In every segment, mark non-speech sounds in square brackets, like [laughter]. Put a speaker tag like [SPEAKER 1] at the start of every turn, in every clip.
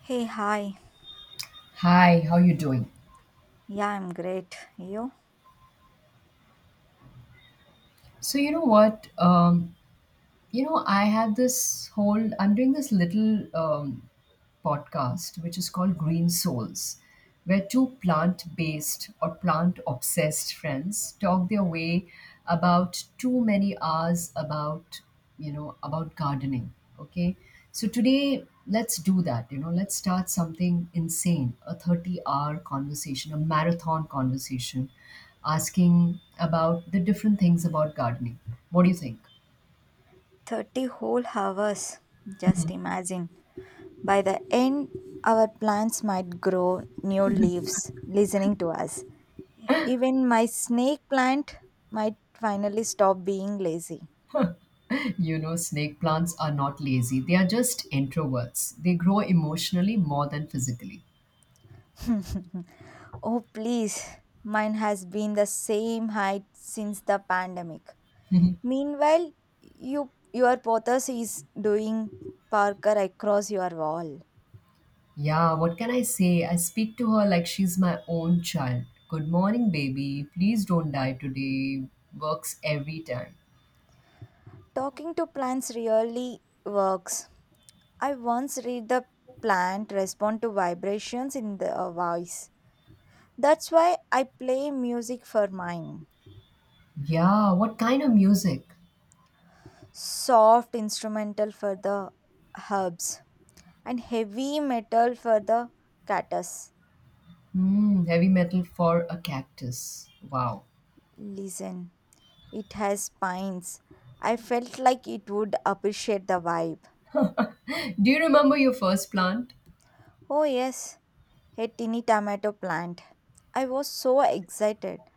[SPEAKER 1] Hey, hi.
[SPEAKER 2] Hi, how you doing?
[SPEAKER 1] Yeah, I'm great. You?
[SPEAKER 2] So you know what? You know I have this whole I'm doing this little podcast which is called Green Souls, where two plant-based or plant-obsessed friends talk their way about too many hours about you know about gardening. Okay, so today let's do that, you know, let's start something insane, a 30-hour hour conversation, a marathon conversation, asking about the different things about gardening. What do you think?
[SPEAKER 1] 30 whole hours. Just imagine. By the end, our plants might grow new leaves listening to us. Even my snake plant might finally stop being lazy.
[SPEAKER 2] You know, snake plants are not lazy. They are just introverts. They grow emotionally more than physically.
[SPEAKER 1] [laughs] Oh, please. Mine has been the same height since the pandemic. Meanwhile, your pothos is doing Parker across your wall.
[SPEAKER 2] Yeah, what can I say? I speak to her like she's my own child. Good morning, baby. Please don't die today. Works every time.
[SPEAKER 1] Talking to plants really works. I once read the plant respond to vibrations in the voice. That's why I play music for mine.
[SPEAKER 2] Yeah, what kind of music?
[SPEAKER 1] Soft instrumental for the herbs and heavy metal for the cactus.
[SPEAKER 2] Hmm, heavy metal for a cactus. Wow.
[SPEAKER 1] Listen, it has pines. I felt like it would appreciate the vibe.
[SPEAKER 2] [laughs] Do you remember your first plant?
[SPEAKER 1] Oh yes, a tiny tomato plant. I was so excited.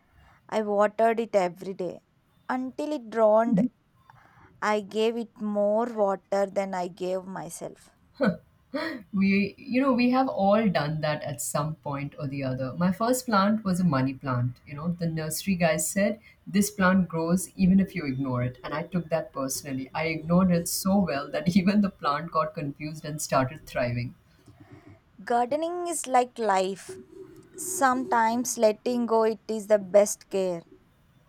[SPEAKER 1] I watered it every day until it drowned. I gave it more water than I gave myself.
[SPEAKER 2] We have all done that at some point or the other. My first plant was a money plant. You know, the nursery guy said, this plant grows even if you ignore it. And I took that personally. I ignored it so well that [laughs] even the plant got confused and started thriving.
[SPEAKER 1] Gardening is like life. Sometimes letting go it is the best care.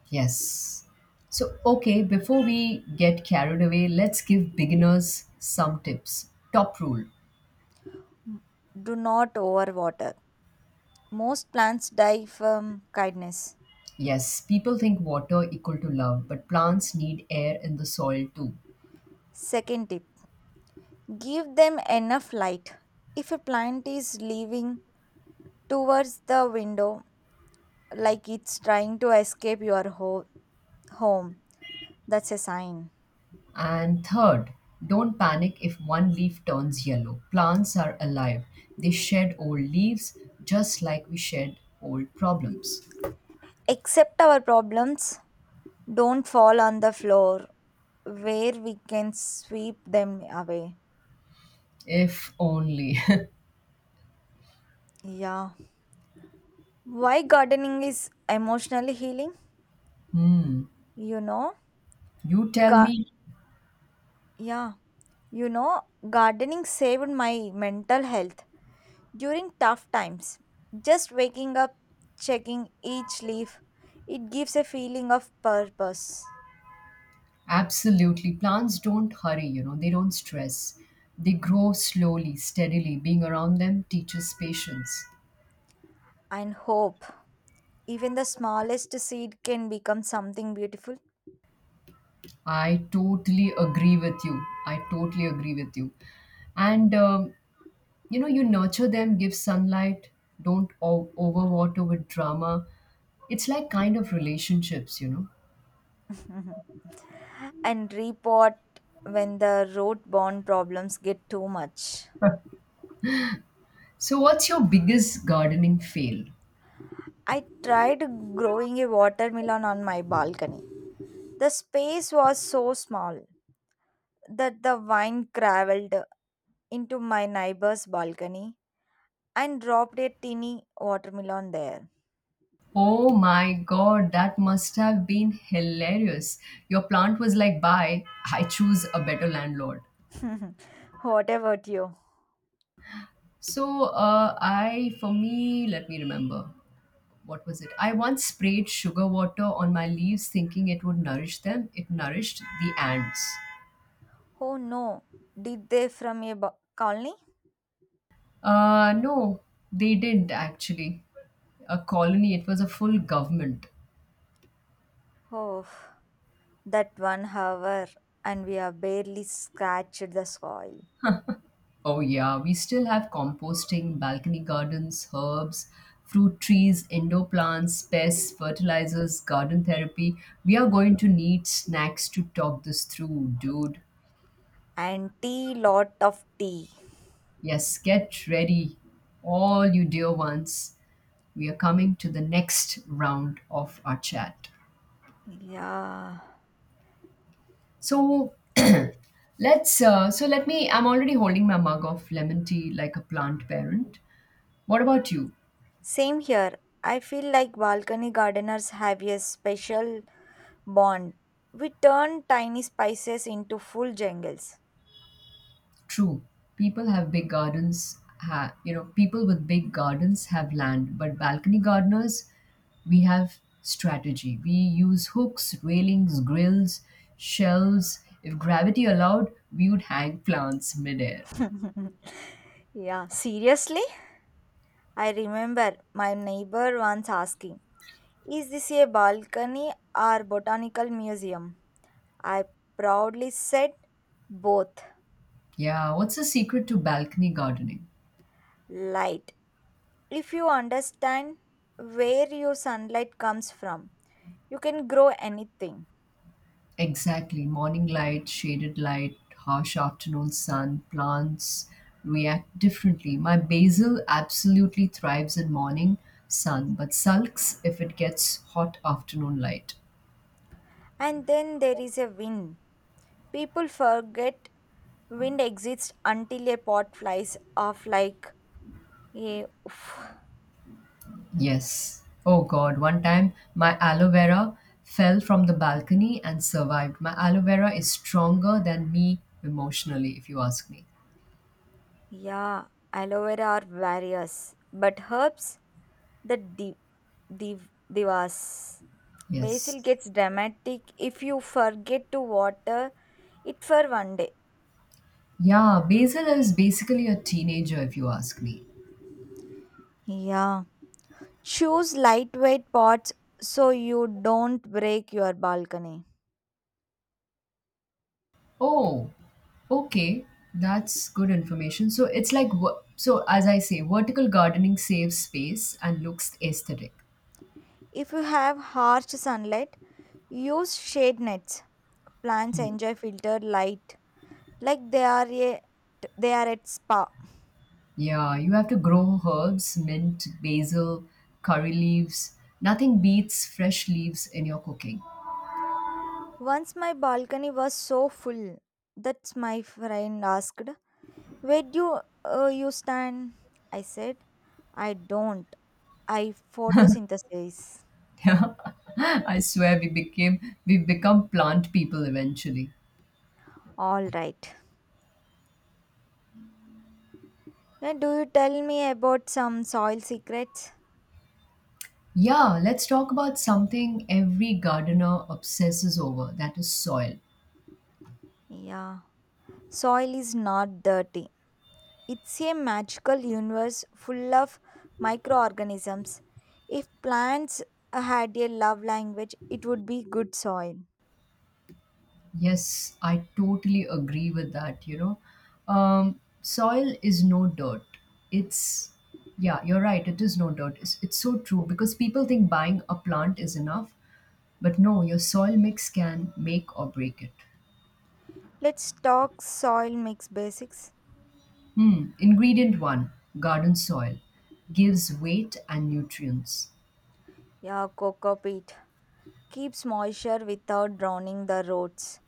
[SPEAKER 2] Yes. So, okay, before we get carried away, let's give beginners some tips. Top rule.
[SPEAKER 1] Do not overwater. Most plants die from kindness.
[SPEAKER 2] Yes, people think water equal to love, but plants need air in the soil too.
[SPEAKER 1] Second tip, give them enough light. If a plant is leaving towards the window like it's trying to escape your home, that's a sign.
[SPEAKER 2] And third, don't panic if one leaf turns yellow. Plants are alive. They shed old leaves just like we shed old problems.
[SPEAKER 1] Accept our problems. Don't fall on the floor where we can sweep them away.
[SPEAKER 2] If only.
[SPEAKER 1] Yeah. Why gardening is emotionally healing? You know,
[SPEAKER 2] [laughs] You tell
[SPEAKER 1] ga-
[SPEAKER 2] me,
[SPEAKER 1] yeah. You know, gardening saved my mental health during tough times. Just waking up, checking each leaf, it gives a feeling of purpose
[SPEAKER 2] absolutely. Plants don't hurry, you know, they don't stress. They grow slowly, steadily. Being around them teaches patience.
[SPEAKER 1] and hope. Even the smallest seed can become something beautiful.
[SPEAKER 2] I totally agree with you. I totally agree with you. And you know you nurture them, give sunlight, don't overwater with drama. It's like kind of relationships, you know.
[SPEAKER 1] Mhm. And repot when the root borne problems get too much.
[SPEAKER 2] [laughs] So what's your biggest gardening fail?
[SPEAKER 1] I tried growing a watermelon on my balcony. The space was so small that the vine traveled into my neighbor's balcony and dropped a tiny watermelon there.
[SPEAKER 2] Oh my god, that must have been hilarious. Your plant was like, bye, I choose a better landlord.
[SPEAKER 1] [laughs] What about you?
[SPEAKER 2] So I for me, let me remember, what was it? I once sprayed sugar water on my leaves thinking it would nourish them. It nourished the ants.
[SPEAKER 1] Oh no, did they from a colony?
[SPEAKER 2] No, they did actually. A colony, it was a full government.
[SPEAKER 1] Oh, that 1 hour, and we have barely scratched the soil.
[SPEAKER 2] Oh, yeah, we still have composting, balcony gardens, herbs, fruit trees, indoor plants, pests, fertilizers, garden therapy. We are going to need snacks to talk this through, dude.
[SPEAKER 1] And tea, lot of tea.
[SPEAKER 2] Yes, get ready, all you dear ones. We are coming to the next round of our chat.
[SPEAKER 1] Yeah,
[SPEAKER 2] So, [clears throat] let's so let me I'm already holding my mug of lemon tea like a plant parent. What about you?
[SPEAKER 1] same here. I feel like balcony gardeners have a special bond. We turn tiny spices into full jungles.
[SPEAKER 2] True. People have big gardens, ha, you know, people with big gardens have land, but balcony gardeners, we have strategy. We use hooks, railings, grills, shelves. If gravity allowed, we would hang plants midair.
[SPEAKER 1] [laughs] Yeah, seriously. I remember my neighbor once asking, is this a balcony or botanical museum? I proudly said both.
[SPEAKER 2] Yeah, what's the secret to balcony gardening?
[SPEAKER 1] Light. If you understand where your sunlight comes from, you can grow anything.
[SPEAKER 2] Exactly. Morning light, shaded light, harsh afternoon sun, plants react differently. My basil absolutely thrives in morning sun, but sulks if it gets hot afternoon light.
[SPEAKER 1] And then there is a wind. People forget wind exists until a pot flies off like a oof.
[SPEAKER 2] Yes. Oh God, one time my aloe vera fell from the balcony and survived. My aloe vera is stronger than me emotionally, if you ask me.
[SPEAKER 1] Yeah, aloe vera are various, but herbs, the div, divas.
[SPEAKER 2] Yes.
[SPEAKER 1] Basil gets dramatic if you forget to water it for one day.
[SPEAKER 2] Yeah, basil is basically a teenager, if you ask me.
[SPEAKER 1] Yeah. Choose lightweight pots so you don't break your balcony.
[SPEAKER 2] Oh, okay. That's good information. So it's like, so as I say, vertical gardening saves space and looks aesthetic.
[SPEAKER 1] If you have harsh sunlight, use shade nets. Plants enjoy filtered light like they are they are at spa.
[SPEAKER 2] Yeah, you have to grow herbs, mint, basil, curry leaves. Nothing beats fresh leaves in your cooking.
[SPEAKER 1] Once my balcony was so full that my friend asked, "Where do you stand?" I said, "I don't. I photosynthesize."
[SPEAKER 2] [laughs] I swear we became we become plant people eventually.
[SPEAKER 1] All right. Now, do you tell me about some soil secrets?
[SPEAKER 2] Yeah, let's talk about something every gardener obsesses over, that is soil.
[SPEAKER 1] Yeah. Soil is not dirty. It's a magical universe full of microorganisms. If plants had a love language, it would be good soil.
[SPEAKER 2] Yes, I totally agree with that. You know, soil is no dirt. It's, yeah, you're right. It is no dirt. It's so true because people think buying a plant is enough. But no, your soil mix can make or break it.
[SPEAKER 1] Let's talk soil mix basics.
[SPEAKER 2] Hmm. Ingredient one, garden soil, gives weight and nutrients.
[SPEAKER 1] Yeah, cocoa peat keeps moisture without drowning the roots.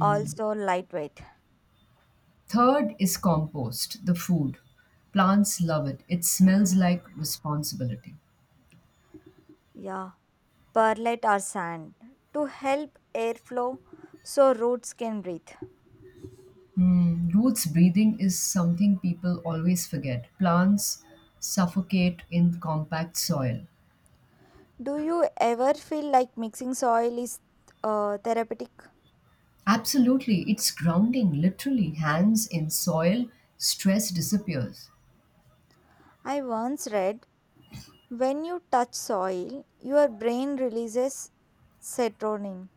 [SPEAKER 1] Also lightweight.
[SPEAKER 2] Third is compost, the food. Plants love it. It smells like responsibility.
[SPEAKER 1] Yeah, perlite or sand to help airflow so roots can breathe.
[SPEAKER 2] Mm, roots breathing is something people always forget. Plants suffocate in compact soil.
[SPEAKER 1] Do you ever feel like mixing soil is therapeutic?
[SPEAKER 2] Absolutely, it's grounding, literally. Hands in soil, stress disappears.
[SPEAKER 1] I once read when you touch soil, your brain releases serotonin.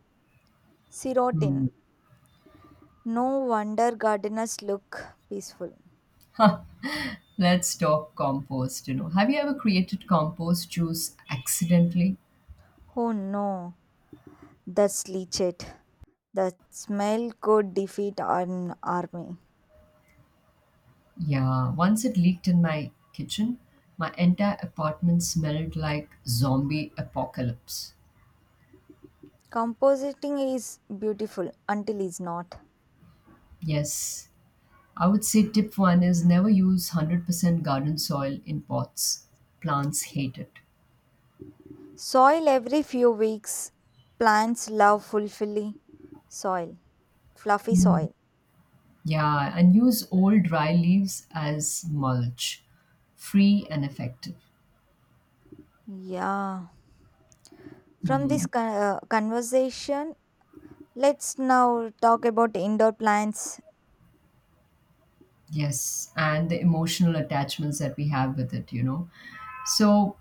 [SPEAKER 2] Hmm.
[SPEAKER 1] Serotonin. No wonder gardeners look peaceful.
[SPEAKER 2] Let's talk compost. You know, have you ever created compost juice accidentally?
[SPEAKER 1] Oh no, that's leachate. The smell could defeat an army.
[SPEAKER 2] Yeah, once it leaked in my kitchen, my entire apartment smelled like zombie apocalypse.
[SPEAKER 1] Compositing is beautiful until it's not.
[SPEAKER 2] Yes, I would say tip one is never use 100% garden soil in pots. Plants hate it.
[SPEAKER 1] Soil every few weeks. Plants love fulfilling soil, fluffy
[SPEAKER 2] Mm.
[SPEAKER 1] soil.
[SPEAKER 2] Yeah, and use old dry leaves as mulch. Free and effective.
[SPEAKER 1] Yeah. From this
[SPEAKER 2] Mm,
[SPEAKER 1] conversation, let's now talk about indoor plants,
[SPEAKER 2] yes, and the emotional attachments that we have with it, you know. So,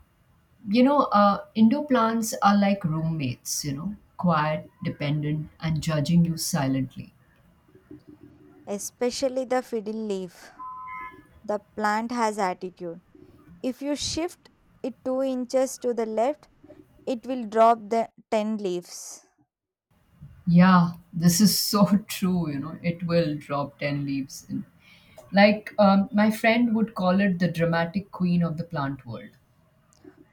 [SPEAKER 2] you know, indoor plants are like roommates, you know, quiet, dependent, and judging you silently.
[SPEAKER 1] especially the fiddle leaf. The plant has attitude. If you shift it 2 inches to the left, it will drop the 10 leaves.
[SPEAKER 2] Yeah, this is so [laughs] true, you know. It will drop 10 leaves in. Like, my friend would call it the dramatic queen of the plant world.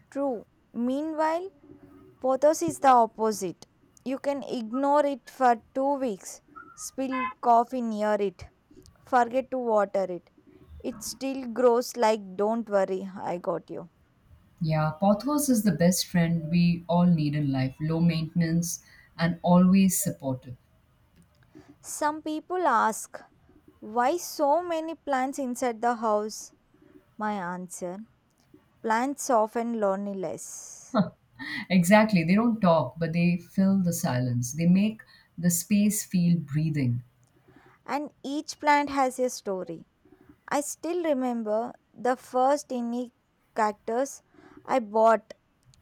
[SPEAKER 1] True. Meanwhile, pothos is the opposite. You can ignore it for 2 weeks, spill coffee near it, forget to water it. It still grows like, don't worry, I got you.
[SPEAKER 2] Yeah, Pothos is the best friend we all need in life. Low maintenance and always supportive.
[SPEAKER 1] Some people ask, why so many plants inside the house? My answer: plants often loneliness.
[SPEAKER 2] Exactly. They don't talk, but they fill the silence. They make the space feel breathing.
[SPEAKER 1] And each plant has a story. I still remember the first unique cactus I bought.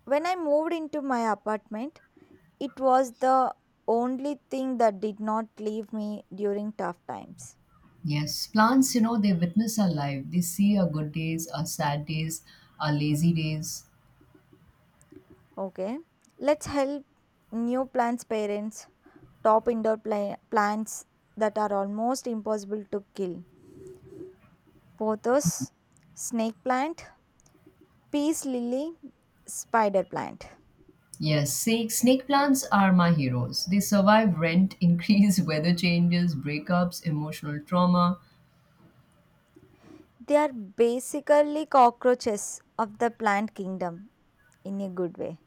[SPEAKER 1] When I moved into my apartment, it was the only thing that did not leave me during tough times.
[SPEAKER 2] Yes. Plants, you know, they witness our life. They see our good days, our sad days, our lazy days.
[SPEAKER 1] Okay, let's help new plants' parents, top indoor plants that are almost impossible to kill. Pothos, snake plant, peace lily, spider plant.
[SPEAKER 2] Yes, snake plants are my heroes. They survive rent, [laughs] increase, weather changes, breakups, emotional trauma.
[SPEAKER 1] They are basically cockroaches of the plant kingdom in a good way.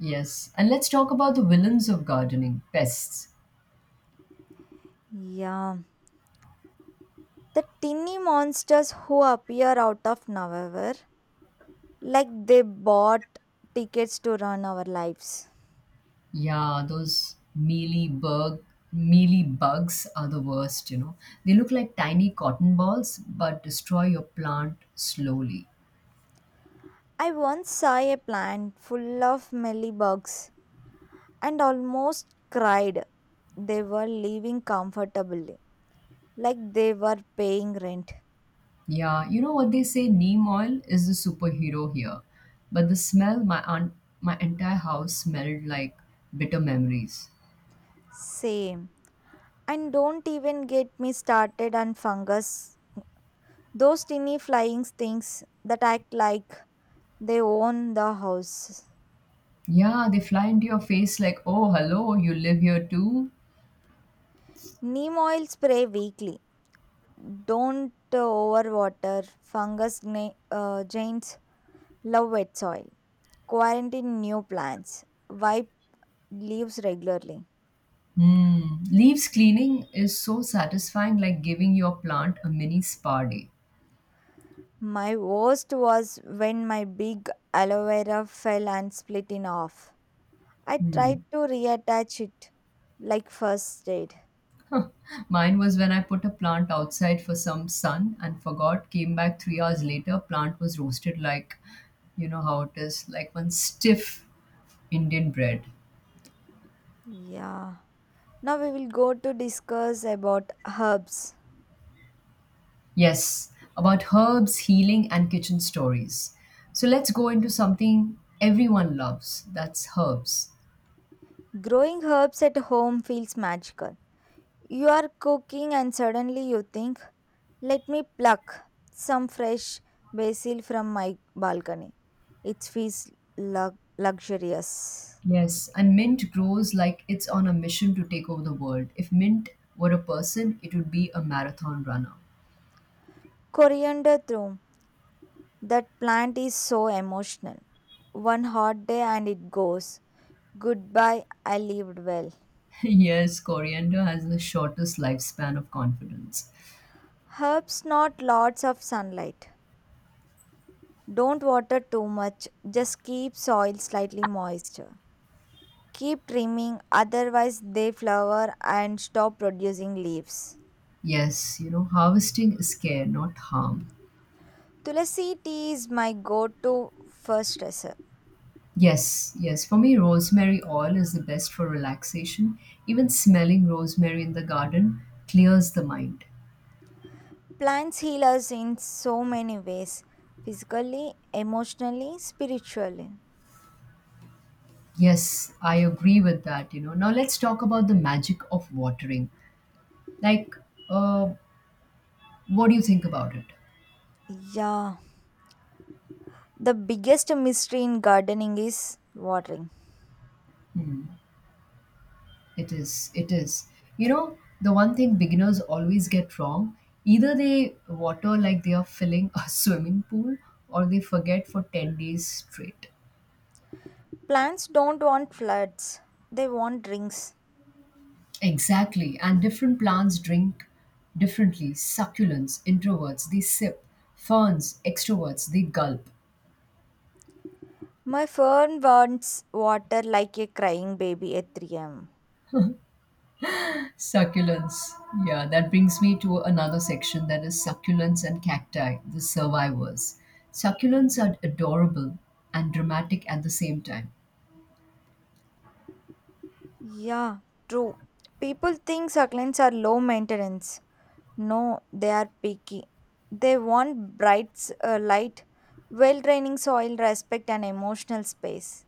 [SPEAKER 2] Yes, and let's talk about the villains of gardening pests.
[SPEAKER 1] Yeah. The tinny monsters who appear out of nowhere, like they bought tickets to run our lives.
[SPEAKER 2] Yeah, those mealy bugs are the worst, you know. They look like tiny cotton balls but destroy your plant slowly.
[SPEAKER 1] I once saw a plant full of mealybugs and almost cried. They were living comfortably, like they were paying rent.
[SPEAKER 2] Yeah, you know what they say, neem oil is the superhero here. But the smell, my aunt, my entire house smelled like bitter memories.
[SPEAKER 1] Same. And don't even get me started on fungus. Those tiny flying things that act like they own the house.
[SPEAKER 2] Yeah, they fly into your face like, "Oh, hello, you live here too?"
[SPEAKER 1] Neem oil spray weekly. Don't overwater. Fungus giants love wet soil. Quarantine new plants. Wipe leaves regularly.
[SPEAKER 2] Mm. Leaves cleaning is so satisfying, like giving your plant a mini spa day.
[SPEAKER 1] My worst was when my big aloe vera fell and split in half. I
[SPEAKER 2] Mm.
[SPEAKER 1] tried to reattach it like first aid.
[SPEAKER 2] Mine was when I put a plant outside for some sun and forgot, came back 3 hours later, plant was roasted like, you know how it is, like one stiff Indian bread.
[SPEAKER 1] Yeah. Now we will go to discuss about herbs.
[SPEAKER 2] Yes, about herbs, healing, and kitchen stories. So let's go into something everyone loves, that's herbs.
[SPEAKER 1] Growing herbs at home feels magical. You are cooking and suddenly you think, let me pluck some fresh basil from my balcony. It feels luxurious.
[SPEAKER 2] Yes, and Mint grows like it's on a mission to take over the world. If Mint were a person, it would be a marathon runner.
[SPEAKER 1] Coriander too. That plant is so emotional. One hot day and it goes. Goodbye, I lived well.
[SPEAKER 2] [laughs] Yes, coriander has the shortest lifespan of confidence.
[SPEAKER 1] Herbs not lots of sunlight. Don't water too much, just keep soil slightly moist. Keep trimming, otherwise, they flower and stop producing leaves.
[SPEAKER 2] Yes, you know, harvesting is care, not harm.
[SPEAKER 1] Tulasi tea is my go to for stressor.
[SPEAKER 2] Yes, yes. For me, rosemary oil is the best for relaxation. Even smelling rosemary in the garden clears the mind.
[SPEAKER 1] Plants heal us in so many ways, physically, emotionally, spiritually.
[SPEAKER 2] Yes, I agree with that, you know. Now let's talk about the magic of watering. Like, uh, what do you think about it?
[SPEAKER 1] Yeah. The biggest mystery in gardening is watering.
[SPEAKER 2] It is. It is. You know, the one thing beginners always get wrong, either they water like they are filling a [laughs] swimming pool or they forget for 10 days straight.
[SPEAKER 1] Plants don't want floods, they want rings.
[SPEAKER 2] Exactly. And different plants drink differently. Succulents, introverts, they sip. Ferns, extroverts, they gulp.
[SPEAKER 1] My fern wants water like a crying baby at 3 am.
[SPEAKER 2] Succulents. Yeah, that brings me to another section, that is succulents and cacti, the survivors. Succulents are adorable and dramatic at the same time.
[SPEAKER 1] Yeah, true. People think succulents are low maintenance. No, they are picky. They want bright light, well draining soil, respect, and emotional space.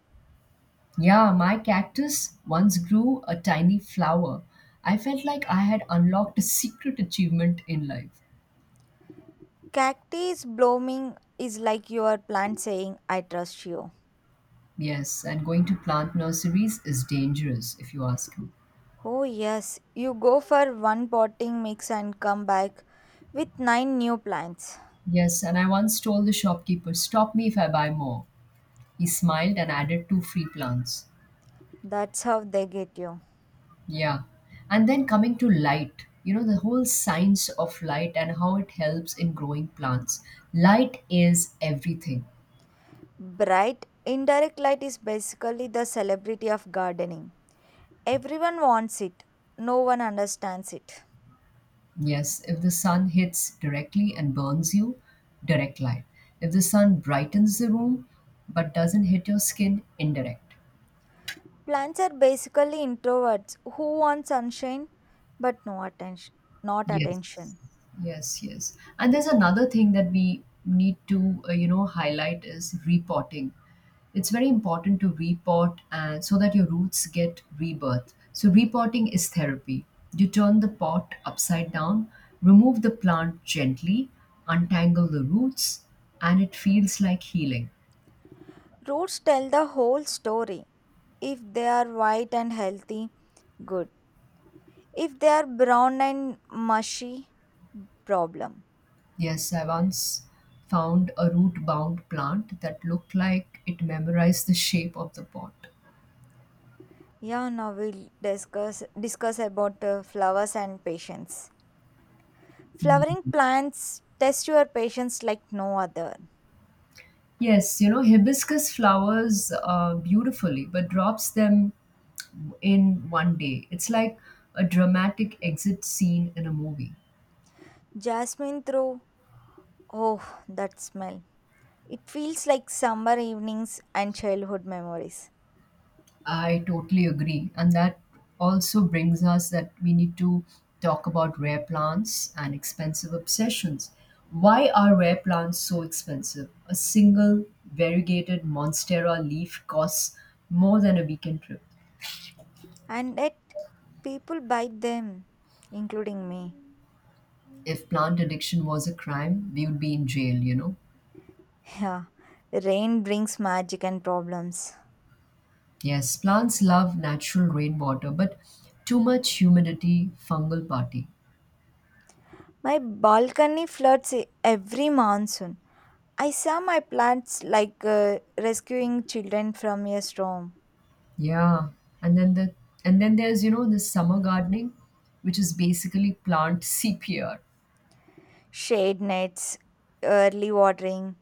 [SPEAKER 2] Yeah, my cactus once grew a tiny flower. I felt like I had unlocked a secret achievement in life.
[SPEAKER 1] Cacti blooming is like your plant saying, I trust you.
[SPEAKER 2] Yes, and going to plant nurseries is dangerous, if you ask me.
[SPEAKER 1] Oh, yes, you go for one potting mix and come back with nine new plants.
[SPEAKER 2] Yes, and I once told the shopkeeper, stop me if I buy more. He smiled and added two free plants.
[SPEAKER 1] That's how they get you.
[SPEAKER 2] Yeah. And then coming to light, you know, the whole science of light and how it helps in growing plants. Light is everything.
[SPEAKER 1] Bright, indirect light is basically the celebrity of gardening. Everyone wants it, no one understands it.
[SPEAKER 2] Yes, if the sun hits directly and burns you, direct light. If the sun brightens the room but doesn't hit your skin, indirect.
[SPEAKER 1] Plants are basically introverts who want sunshine but not
[SPEAKER 2] Yes,
[SPEAKER 1] attention.
[SPEAKER 2] yes, yes. And there's another thing that we need to, you know, highlight is repotting. It's very important to repot and so that your roots get rebirth. So repotting is therapy. You turn the pot upside down, remove the plant gently, untangle the roots, and it feels like healing.
[SPEAKER 1] Roots tell the whole story. If they are white and healthy, good. If they are brown and mushy, problem.
[SPEAKER 2] Yes, I once found a root bound plant that looked like it memorized the shape of the pot.
[SPEAKER 1] Yeah, now we'll discuss about flowers and patience. Flowering
[SPEAKER 2] Mm.
[SPEAKER 1] plants test your patience like no other.
[SPEAKER 2] Yes, you know, hibiscus flowers beautifully, but drops them in one day. It's like a dramatic exit scene in a movie.
[SPEAKER 1] Jasmine through, oh, that smell. It feels like summer evenings and childhood memories.
[SPEAKER 2] I totally agree. And that also brings us that we need to talk about rare plants and expensive obsessions. Why are rare plants so expensive? A single variegated Monstera leaf costs more than a weekend trip.
[SPEAKER 1] And yet people buy them, including me.
[SPEAKER 2] If plant addiction was a crime, we would be in jail, you know?
[SPEAKER 1] Yeah. Rain brings magic and problems.
[SPEAKER 2] Yes, plants love natural rainwater, but too much humidity, fungal party.
[SPEAKER 1] My balcony floods every monsoon. I saw my plants like rescuing children from a storm.
[SPEAKER 2] Yeah, and then the and then there's you know the summer gardening, which is basically plant CPR.
[SPEAKER 1] Shade nets, early watering,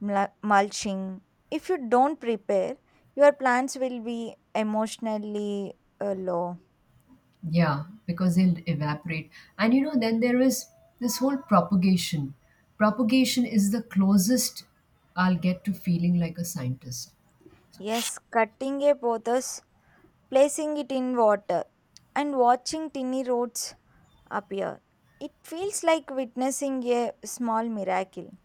[SPEAKER 1] mulching. If you don't prepare, your plants will be emotionally low.
[SPEAKER 2] Yeah, because they'll evaporate. And you know then there is this whole propagation. Propagation is the closest I'll get to feeling like a scientist.
[SPEAKER 1] Yes, cutting a pothos, placing it in water, and watching tiny roots appear. It feels like witnessing a small miracle.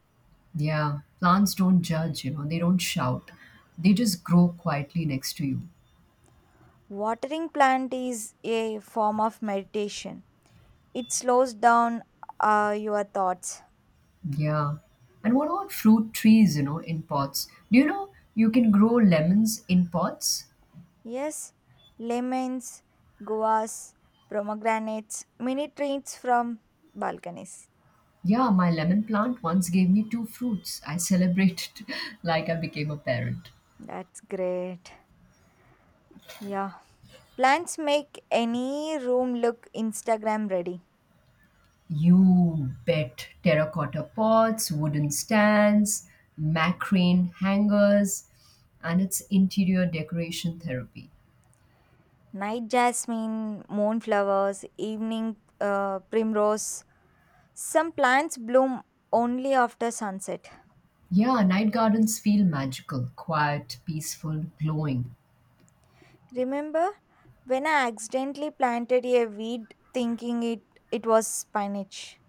[SPEAKER 2] Yeah, plants don't judge, you know, they don't shout. They just grow quietly next to you.
[SPEAKER 1] Watering plant is a form of meditation. It slows down your thoughts.
[SPEAKER 2] Yeah. And what about fruit trees, you know, in pots? Do you know you can grow lemons in pots?
[SPEAKER 1] Yes, lemons, guavas, pomegranates, mini treats from balconies.
[SPEAKER 2] Yeah, my lemon plant once gave me two fruits. I celebrated [laughs] like I became a parent.
[SPEAKER 1] That's great. Yeah. Plants make any room look Instagram ready.
[SPEAKER 2] You bet. Terracotta pots, wooden stands, macrame hangers, and its interior decoration therapy.
[SPEAKER 1] Night jasmine, moonflowers, evening primrose. Some plants bloom only after sunset.
[SPEAKER 2] Yeah, night gardens feel magical, quiet, peaceful, glowing.
[SPEAKER 1] Remember when I accidentally planted a weed thinking it was spinach?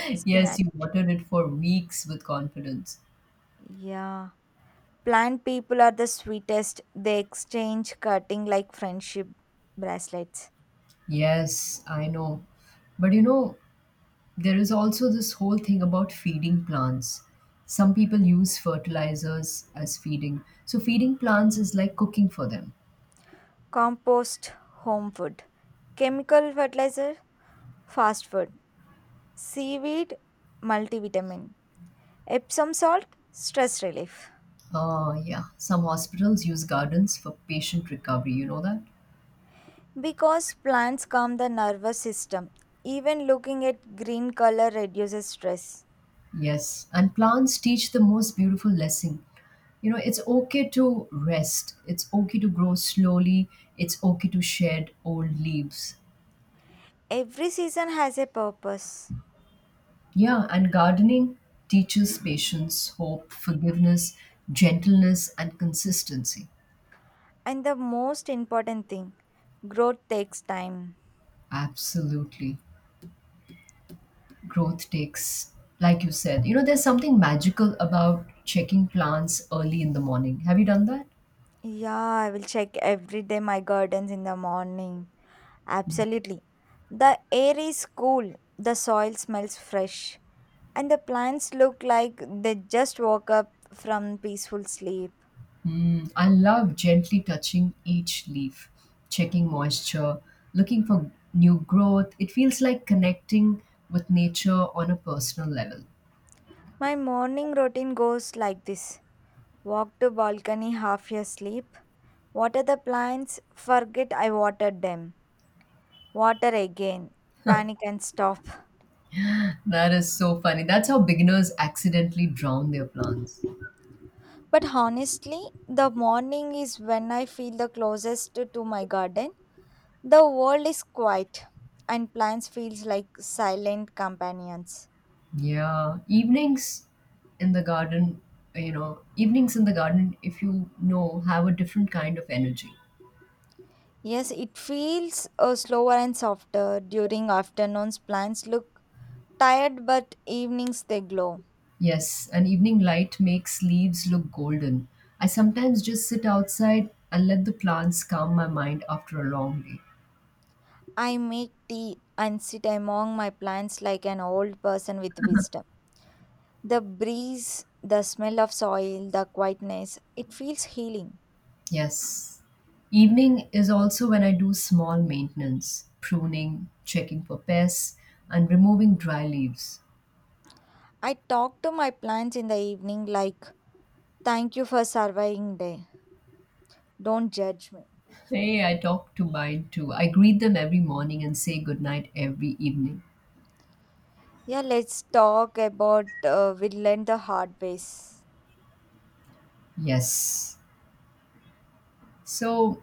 [SPEAKER 2] [laughs] Yes,
[SPEAKER 1] Spinach.
[SPEAKER 2] you watered it for weeks with confidence.
[SPEAKER 1] Yeah. Plant people are the sweetest. They exchange cutting like friendship bracelets.
[SPEAKER 2] Yes, I know. But you know, there is also this whole thing about feeding plants. Some people use fertilizers as feeding. So, feeding plants is like cooking for them.
[SPEAKER 1] Compost, home food. Chemical fertilizer, fast food. Seaweed, multivitamin. Epsom salt, stress relief.
[SPEAKER 2] Yeah, some hospitals use gardens for patient recovery. You know that?
[SPEAKER 1] Because plants calm the nervous system. Even looking at green color reduces stress.
[SPEAKER 2] Yes. And plants teach the most beautiful lesson. You know, it's okay to rest, it's okay to grow slowly, it's okay to shed old leaves.
[SPEAKER 1] Every season has a purpose.
[SPEAKER 2] Yeah, and gardening teaches patience, hope, forgiveness, gentleness, and consistency.
[SPEAKER 1] And the most important thing, growth takes time.
[SPEAKER 2] Absolutely. Growth takes, like you said, you know, there's something magical about checking plants early in the morning. Have you done that?
[SPEAKER 1] Yeah, I will check every day my gardens in the morning. Absolutely. The air is cool, the soil smells fresh, and the plants look like they just woke up from peaceful sleep.
[SPEAKER 2] Mm, I love gently touching each leaf, checking moisture, looking for new growth. It feels like connecting with nature on a personal level.
[SPEAKER 1] My morning routine goes like this. Walk to balcony half your sleep. Water the plants, forget I watered them. Water again. Panic and stop.
[SPEAKER 2] That is so funny. That's how beginners accidentally drown their plants.
[SPEAKER 1] But honestly, the morning is when I feel the closest to my garden. The world is quiet and plants feels like silent companions.
[SPEAKER 2] Yeah, evenings in the garden, you know, evenings in the garden, if you know, have a different kind of energy.
[SPEAKER 1] Yes, it feels slower and softer. During afternoons, plants look tired, but evenings they glow.
[SPEAKER 2] Yes, an evening light makes leaves look golden. I sometimes just sit outside and let the plants calm my mind after a long day.
[SPEAKER 1] I make tea and sit among my plants like an old person with wisdom. The breeze, the smell of soil, the quietness, it feels healing.
[SPEAKER 2] Yes. Evening is also when I do small maintenance, pruning, checking for pests, and removing dry leaves.
[SPEAKER 1] I talk to my plants in the evening like, thank you for surviving day. Don't judge me.
[SPEAKER 2] Hey, I talk to mine too. I greet them every morning and say goodnight every evening.
[SPEAKER 1] Yeah, let's talk about we learned the hard ways.
[SPEAKER 2] Yes. So,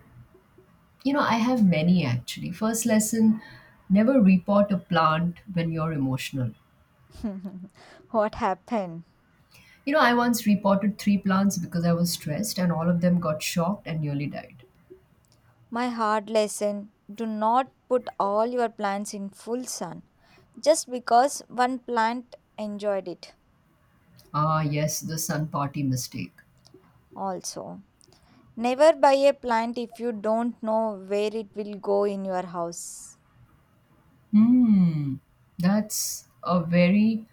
[SPEAKER 2] you know, I have many actually. First lesson, never repot a plant when you're emotional.
[SPEAKER 1] [laughs] What happened?
[SPEAKER 2] You know, I once repotted three plants because I was stressed and all of them got shocked and nearly died.
[SPEAKER 1] My hard lesson, do not put all your plants in full sun just because one plant enjoyed it.
[SPEAKER 2] Ah, yes, the sun party mistake.
[SPEAKER 1] Also, never buy a plant if you don't know where it will go in your house.
[SPEAKER 2] Hmm. That's a very,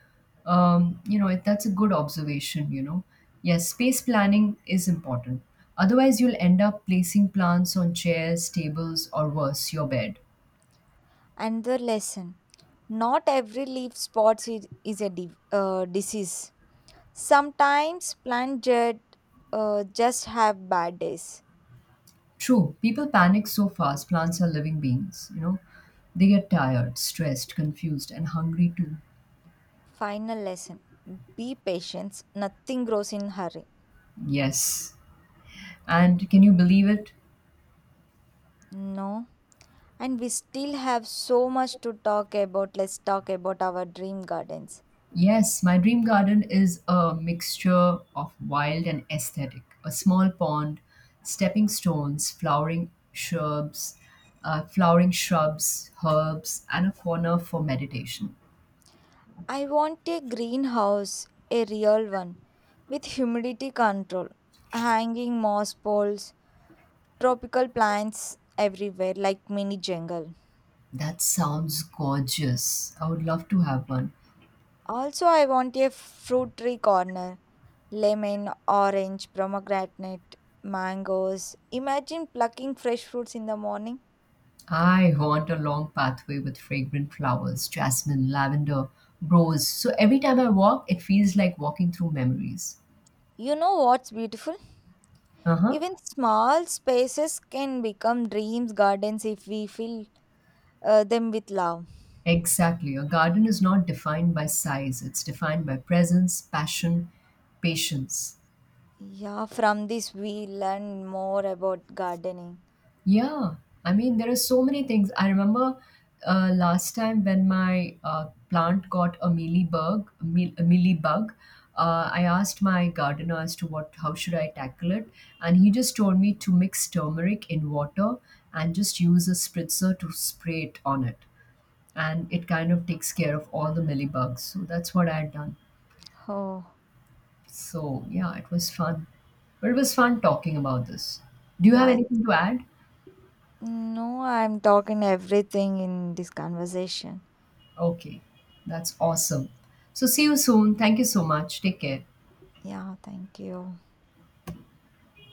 [SPEAKER 2] you know, that's a good observation, you know. Yes, space planning is important. Otherwise, you'll end up placing plants on chairs, tables, or worse, your bed.
[SPEAKER 1] Another lesson, not every leaf spots is a disease. Sometimes plant just have bad days.
[SPEAKER 2] True, people panic so fast. Plants are living beings, you know. They get tired, stressed, confused, and hungry too.
[SPEAKER 1] Final lesson, be patient, nothing grows in hurry.
[SPEAKER 2] Yes. And can you believe it?
[SPEAKER 1] No, and we still have so much to talk about. Let's talk about our dream gardens.
[SPEAKER 2] Yes, my dream garden is a mixture of wild and aesthetic. A small pond, stepping stones, flowering shrubs, herbs, and a corner for meditation.
[SPEAKER 1] I want a greenhouse, a real one, with humidity control, hanging moss poles, tropical plants everywhere, like mini jungle.
[SPEAKER 2] That sounds gorgeous. I would love to have one.
[SPEAKER 1] Also, I want a fruit tree corner, lemon, orange, pomegranate, mangoes. Imagine plucking fresh fruits in the morning.
[SPEAKER 2] I want a long pathway with fragrant flowers, jasmine, lavender, rose. So every time I walk, it feels like walking through memories.
[SPEAKER 1] You know what's beautiful?
[SPEAKER 2] Uh huh.
[SPEAKER 1] Even small spaces can become dreams gardens if we fill them with love.
[SPEAKER 2] Exactly. A garden is not defined by size, it's defined by presence, passion, patience.
[SPEAKER 1] Yeah, from this we learn more about gardening.
[SPEAKER 2] Yeah, I mean, there are so many things. I remember last time when my plant got a mealybug, a mealybug, I asked my gardener as to what, how should I tackle it, and he just told me to mix turmeric in water and just use a spritzer to spray it on it, and it kind of takes care of all the mealybugs. So that's what I had done.
[SPEAKER 1] Oh,
[SPEAKER 2] So yeah, but it was fun talking about this. Do you have
[SPEAKER 1] yeah.
[SPEAKER 2] anything to add?
[SPEAKER 1] No, I'm talking everything in this conversation.
[SPEAKER 2] Okay, that's awesome. So, see you soon. Thank you so much. Take care.
[SPEAKER 1] Yeah, thank you.